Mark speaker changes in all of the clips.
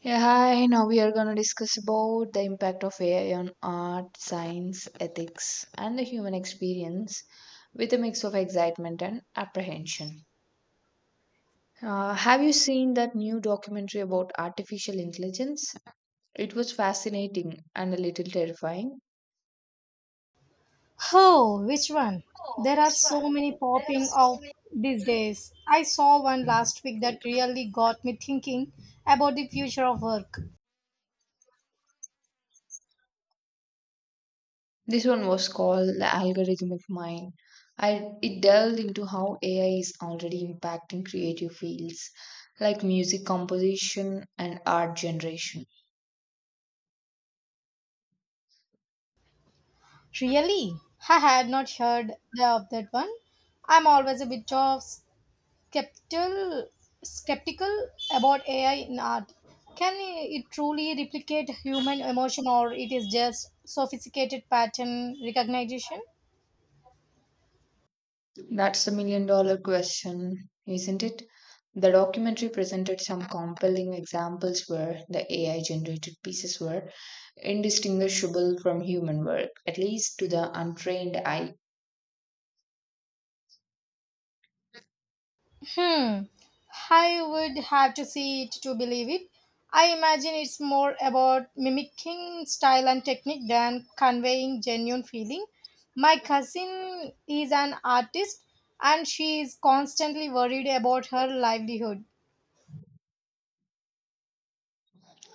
Speaker 1: Yeah, hi. Now we are going to discuss about the impact of AI on art, science, ethics, and the human experience with a mix of excitement and apprehension. Have you seen that new documentary about artificial intelligence? It was fascinating and a little terrifying.
Speaker 2: Oh, which one?
Speaker 1: Oh,
Speaker 2: There are
Speaker 1: which one?
Speaker 2: so many
Speaker 1: There are
Speaker 2: popping
Speaker 1: so
Speaker 2: up
Speaker 1: many.
Speaker 2: these days. I saw one last week that really got me thinking about the future of work.
Speaker 1: This one was called the algorithmic mind. It delved into how AI is already impacting creative fields like music composition and art generation.
Speaker 2: Really? I had not heard of that one. I'm always a bit of skeptical, skeptical about AI in art. Can it truly replicate human emotion or it is just sophisticated pattern recognition?
Speaker 1: That's the million dollar question, isn't it? The documentary presented some compelling examples where the AI generated pieces were indistinguishable from human work, at least to the untrained eye.
Speaker 2: Hmm. I would have to see it to believe it. I imagine it's more about mimicking style and technique than conveying genuine feeling. My cousin is an artist and she is constantly worried about her livelihood.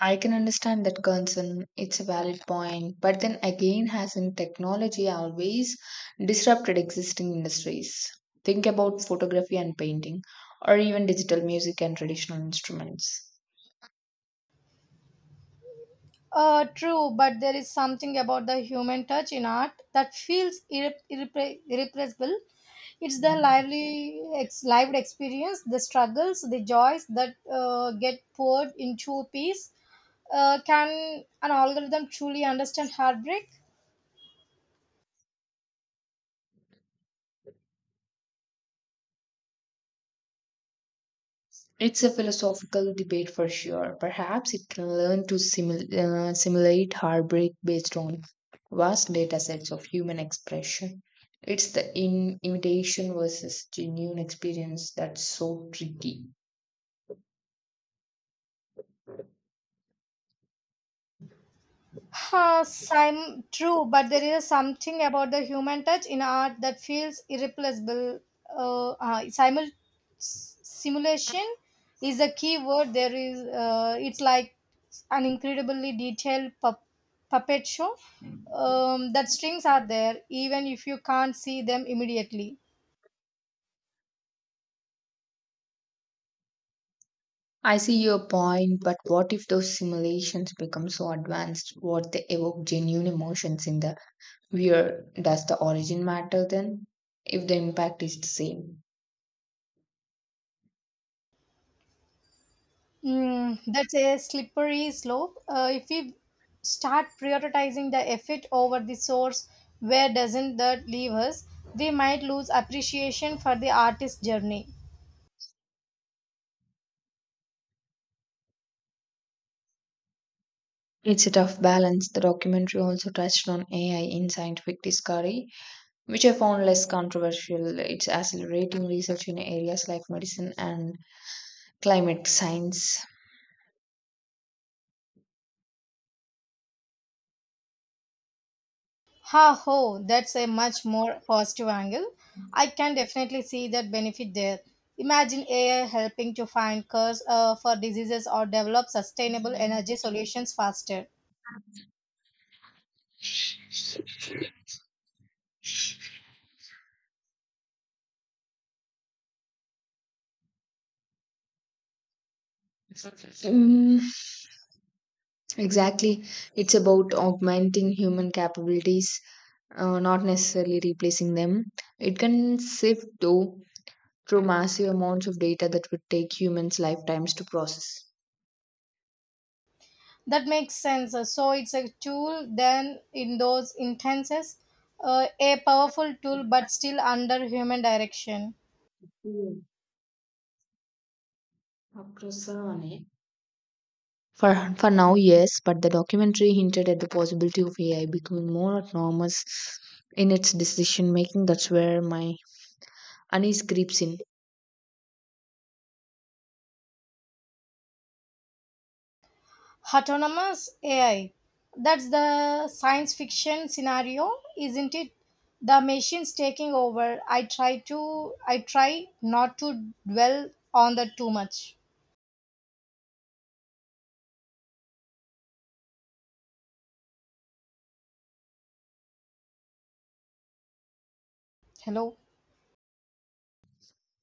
Speaker 1: I can understand that concern. It's a valid point. But then again, hasn't technology always disrupted existing industries? Think about photography and painting, or even digital music and traditional instruments.
Speaker 2: True, but there is something about the human touch in art that feels irrepressible. It's the lively, lived experience, the struggles, the joys that get poured into a piece. Can an algorithm truly understand heartbreak?
Speaker 1: It's a philosophical debate for sure. Perhaps it can learn to simulate heartbreak based on vast data sets of human expression. It's the imitation versus genuine experience that's so tricky.
Speaker 2: True, but there is something about the human touch in art that feels irreplaceable. Uh, uh, simul- Simulation is a key word. It's like an incredibly detailed puppet show. That strings are there, even if you can't see them immediately.
Speaker 1: I see your point, but what if those simulations become so advanced what they evoke genuine emotions in the viewer? Does the origin matter then? If the impact is the same.
Speaker 2: Mm, that's a slippery slope. If we start prioritizing the effort over the source, where doesn't that leave us? We might lose appreciation for the artist's journey.
Speaker 1: It's a tough balance. The documentary also touched on AI in scientific discovery, which I found less controversial. It's accelerating research in areas like medicine and climate science.
Speaker 2: Ha ho, that's a much more positive angle. I can definitely see that benefit there. Imagine AI helping to find cures for diseases or develop sustainable energy solutions faster.
Speaker 1: Mm, exactly. It's about augmenting human capabilities, not necessarily replacing them. It can sift though through massive amounts of data that would take humans lifetimes to process.
Speaker 2: That makes sense. So it's a tool then in those instances, a powerful tool but still under human direction.
Speaker 1: Mm, apprezzane. For now, yes, but the documentary hinted at the possibility of AI becoming more autonomous in its decision making. That's where my unease creeps in.
Speaker 2: Autonomous AI. That's the science fiction scenario, isn't it? The machines taking over. I try not to dwell on that too much. Hello.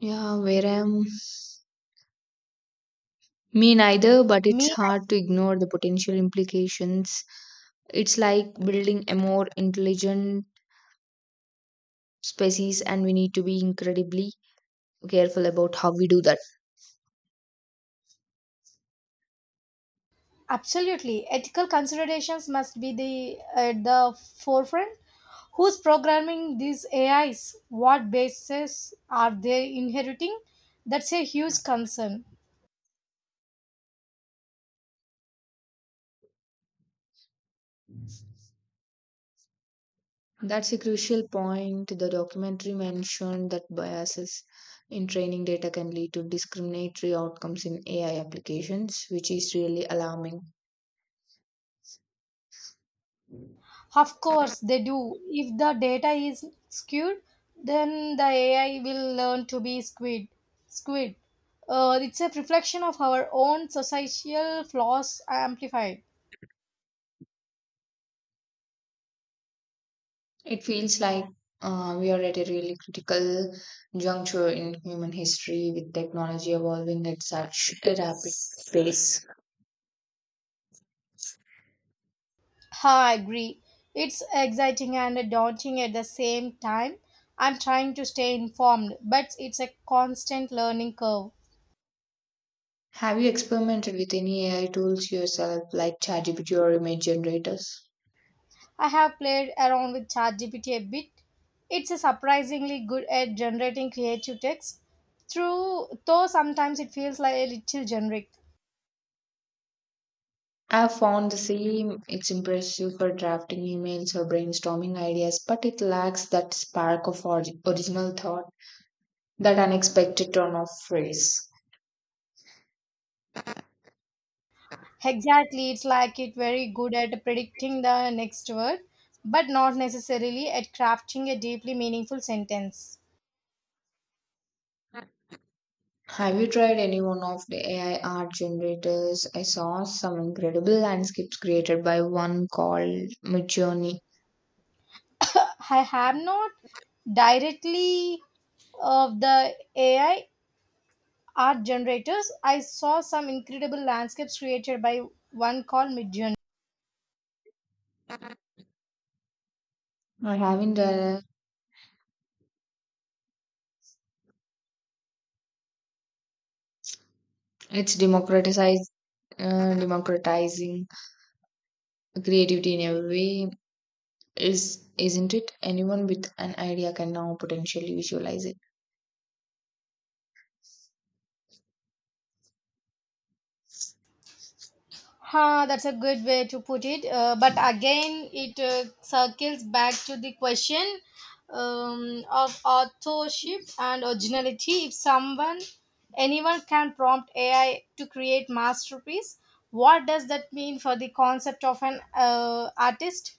Speaker 1: Yeah, where I'm me neither, but it's
Speaker 2: Me.
Speaker 1: hard to ignore the potential implications. It's like building a more intelligent species, and we need to be incredibly careful about how we do that.
Speaker 2: Absolutely. Ethical considerations must be the at the forefront. Who's programming these AIs? What bases are they inheriting? That's a huge concern.
Speaker 1: That's a crucial point. The documentary mentioned that biases in training data can lead to discriminatory outcomes in ai applications, which is really alarming.
Speaker 2: Of course, they do. If the data is skewed, then the AI will learn to be skewed. Skewed. It's a reflection of our own societal flaws amplified.
Speaker 1: It feels like we are at a really critical juncture in human history, with technology evolving at such a rapid pace.
Speaker 2: I agree. It's exciting and daunting at the same time. I'm trying to stay informed, but it's a constant learning curve.
Speaker 1: Have you experimented with any AI tools yourself, like ChatGPT or image generators?
Speaker 2: I have played around with ChatGPT a bit. It's a surprisingly good at generating creative text, through though sometimes it feels like a little generic.
Speaker 1: I've found the same. It's impressive for drafting emails or brainstorming ideas, but it lacks that spark of original thought, that unexpected turn of phrase.
Speaker 2: Exactly, it's like it very good at predicting the next word, but not necessarily at crafting a deeply meaningful sentence.
Speaker 1: Have you tried any one of the AI art generators? I saw some incredible landscapes created by one called Midjourney.
Speaker 2: I have not directly of the AI art generators. I saw some incredible landscapes created by one called Midjourney.
Speaker 1: I haven't. It's democratizing creativity in a way, is isn't it? Anyone with an idea can now potentially visualize it.
Speaker 2: Ha, that's a good way to put it. But again, it circles back to the question of authorship and originality. If someone, Anyone can prompt AI to create masterpiece, what does that mean for the concept of an artist?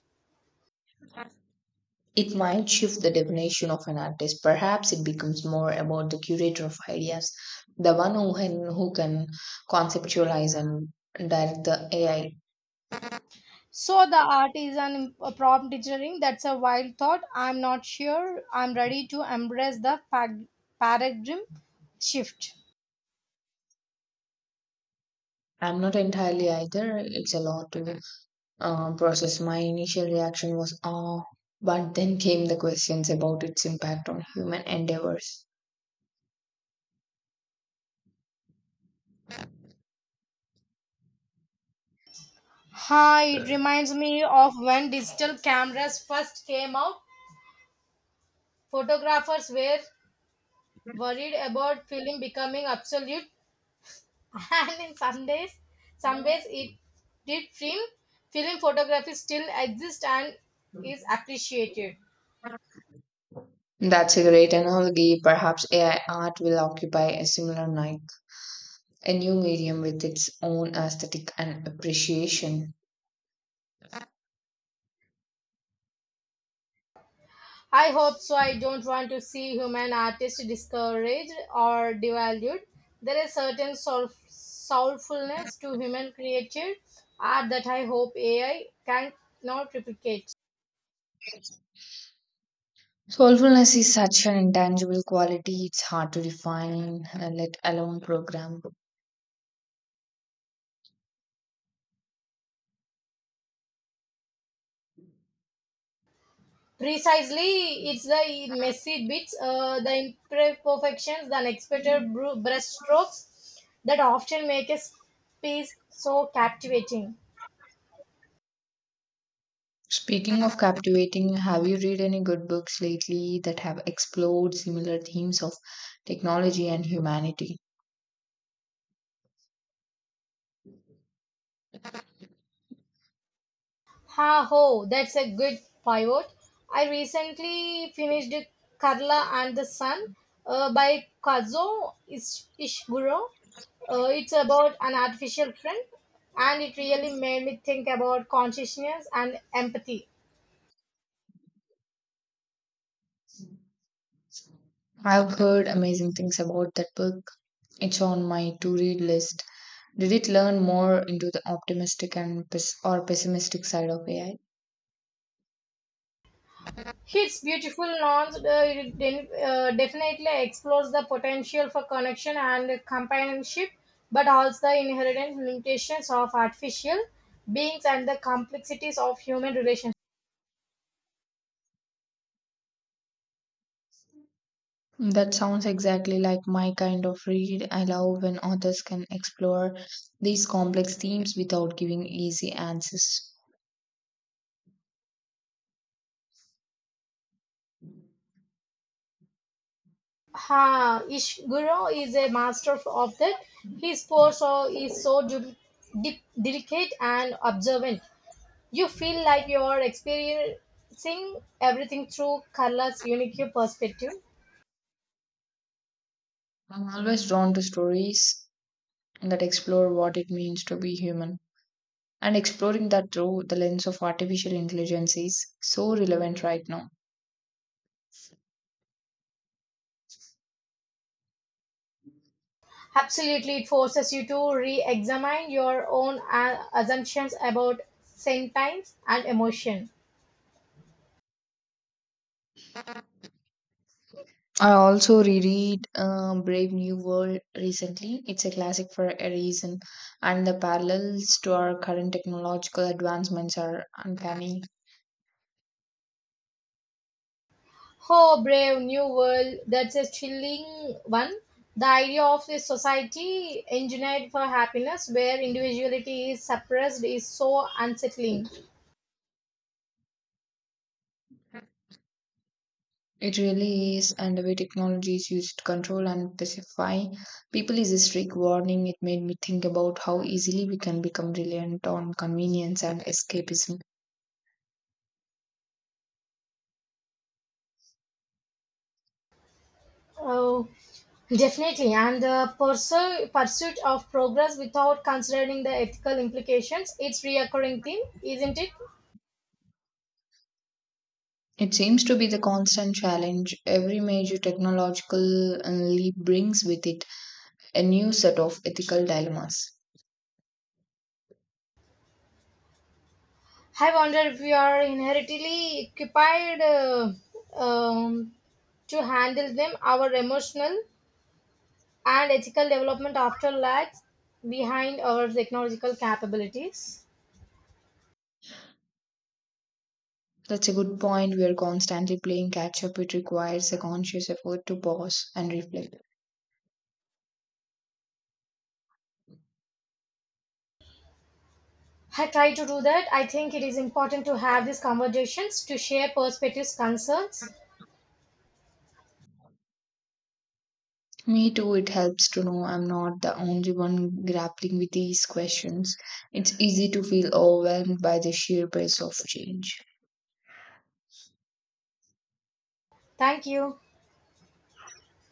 Speaker 1: It might shift the definition of an artist. Perhaps it becomes more about the curator of ideas, the one who can conceptualize and direct the AI.
Speaker 2: So the art is an prompt engineering. That's a wild thought. I'm not sure I'm ready to embrace the paradigm shift.
Speaker 1: I'm not entirely either. It's a lot to process. My initial reaction was, oh, but then came the questions about its impact on human endeavors.
Speaker 2: Hi, it reminds me of when digital cameras first came out. Photographers were worried about film becoming obsolete, and in some ways it did. Film photography still exists and is appreciated.
Speaker 1: That's a great analogy. Perhaps AI art will occupy a similar niche, a new medium with its own aesthetic and appreciation.
Speaker 2: I hope so. I don't want to see human artists discouraged or devalued. There is certain soulfulness to human created art that I hope AI can not replicate.
Speaker 1: Soulfulness is such an intangible quality. It's hard to define, let alone program.
Speaker 2: Precisely, it's the messy bits, the imperfections, the unexpected brushstrokes that often make a piece so captivating.
Speaker 1: Speaking of captivating, have you read any good books lately that have explored similar themes of technology and humanity?
Speaker 2: Ha ho, that's a good pivot. I recently finished *Carla and the Sun by Kazuo Ishiguro. It's about an artificial friend and it really made me think about consciousness and empathy.
Speaker 1: I've heard amazing things about that book. It's on my to read list. Did it learn more into the optimistic and or pessimistic side of AI?
Speaker 2: It's beautiful nouns definitely explores the potential for connection and companionship, but also the inherent limitations of artificial beings and the complexities of human relationships.
Speaker 1: That sounds exactly like my kind of read. I love when authors can explore these complex themes without giving easy answers.
Speaker 2: Ha, Ishiguro is a master of that. His is so delicate and observant. You feel like you are experiencing everything through Carla's unique perspective.
Speaker 1: I'm always drawn to stories that explore what it means to be human. And exploring that through the lens of artificial intelligence is so relevant right now.
Speaker 2: Absolutely, it forces you to re examine your own assumptions about sentience and emotion.
Speaker 1: I also reread Brave New World recently. It's a classic for a reason, and the parallels to our current technological advancements are uncanny.
Speaker 2: Oh, brave new world. That's a chilling one. The idea of a society engineered for happiness where individuality is suppressed is so unsettling.
Speaker 1: It really is, and the way technology is used to control and pacify people is a strict warning. It made me think about how easily we can become reliant on convenience and escapism.
Speaker 2: Oh, definitely. And the pursuit of progress without considering the ethical implications, it's reoccurring theme, isn't it?
Speaker 1: It seems to be the constant challenge. Every major technological leap brings with it a new set of ethical dilemmas.
Speaker 2: I wonder if we are inherently equipped um, to handle them. Our emotional and ethical development after lags behind our technological capabilities.
Speaker 1: That's a good point. We are constantly playing catch up. It requires a conscious effort to pause and reflect.
Speaker 2: I try to do that. I think it is important to have these conversations to share perspectives, concerns.
Speaker 1: Me too, it helps to know I'm not the only one grappling with these questions. It's easy to feel overwhelmed by the sheer pace of change.
Speaker 2: Thank you.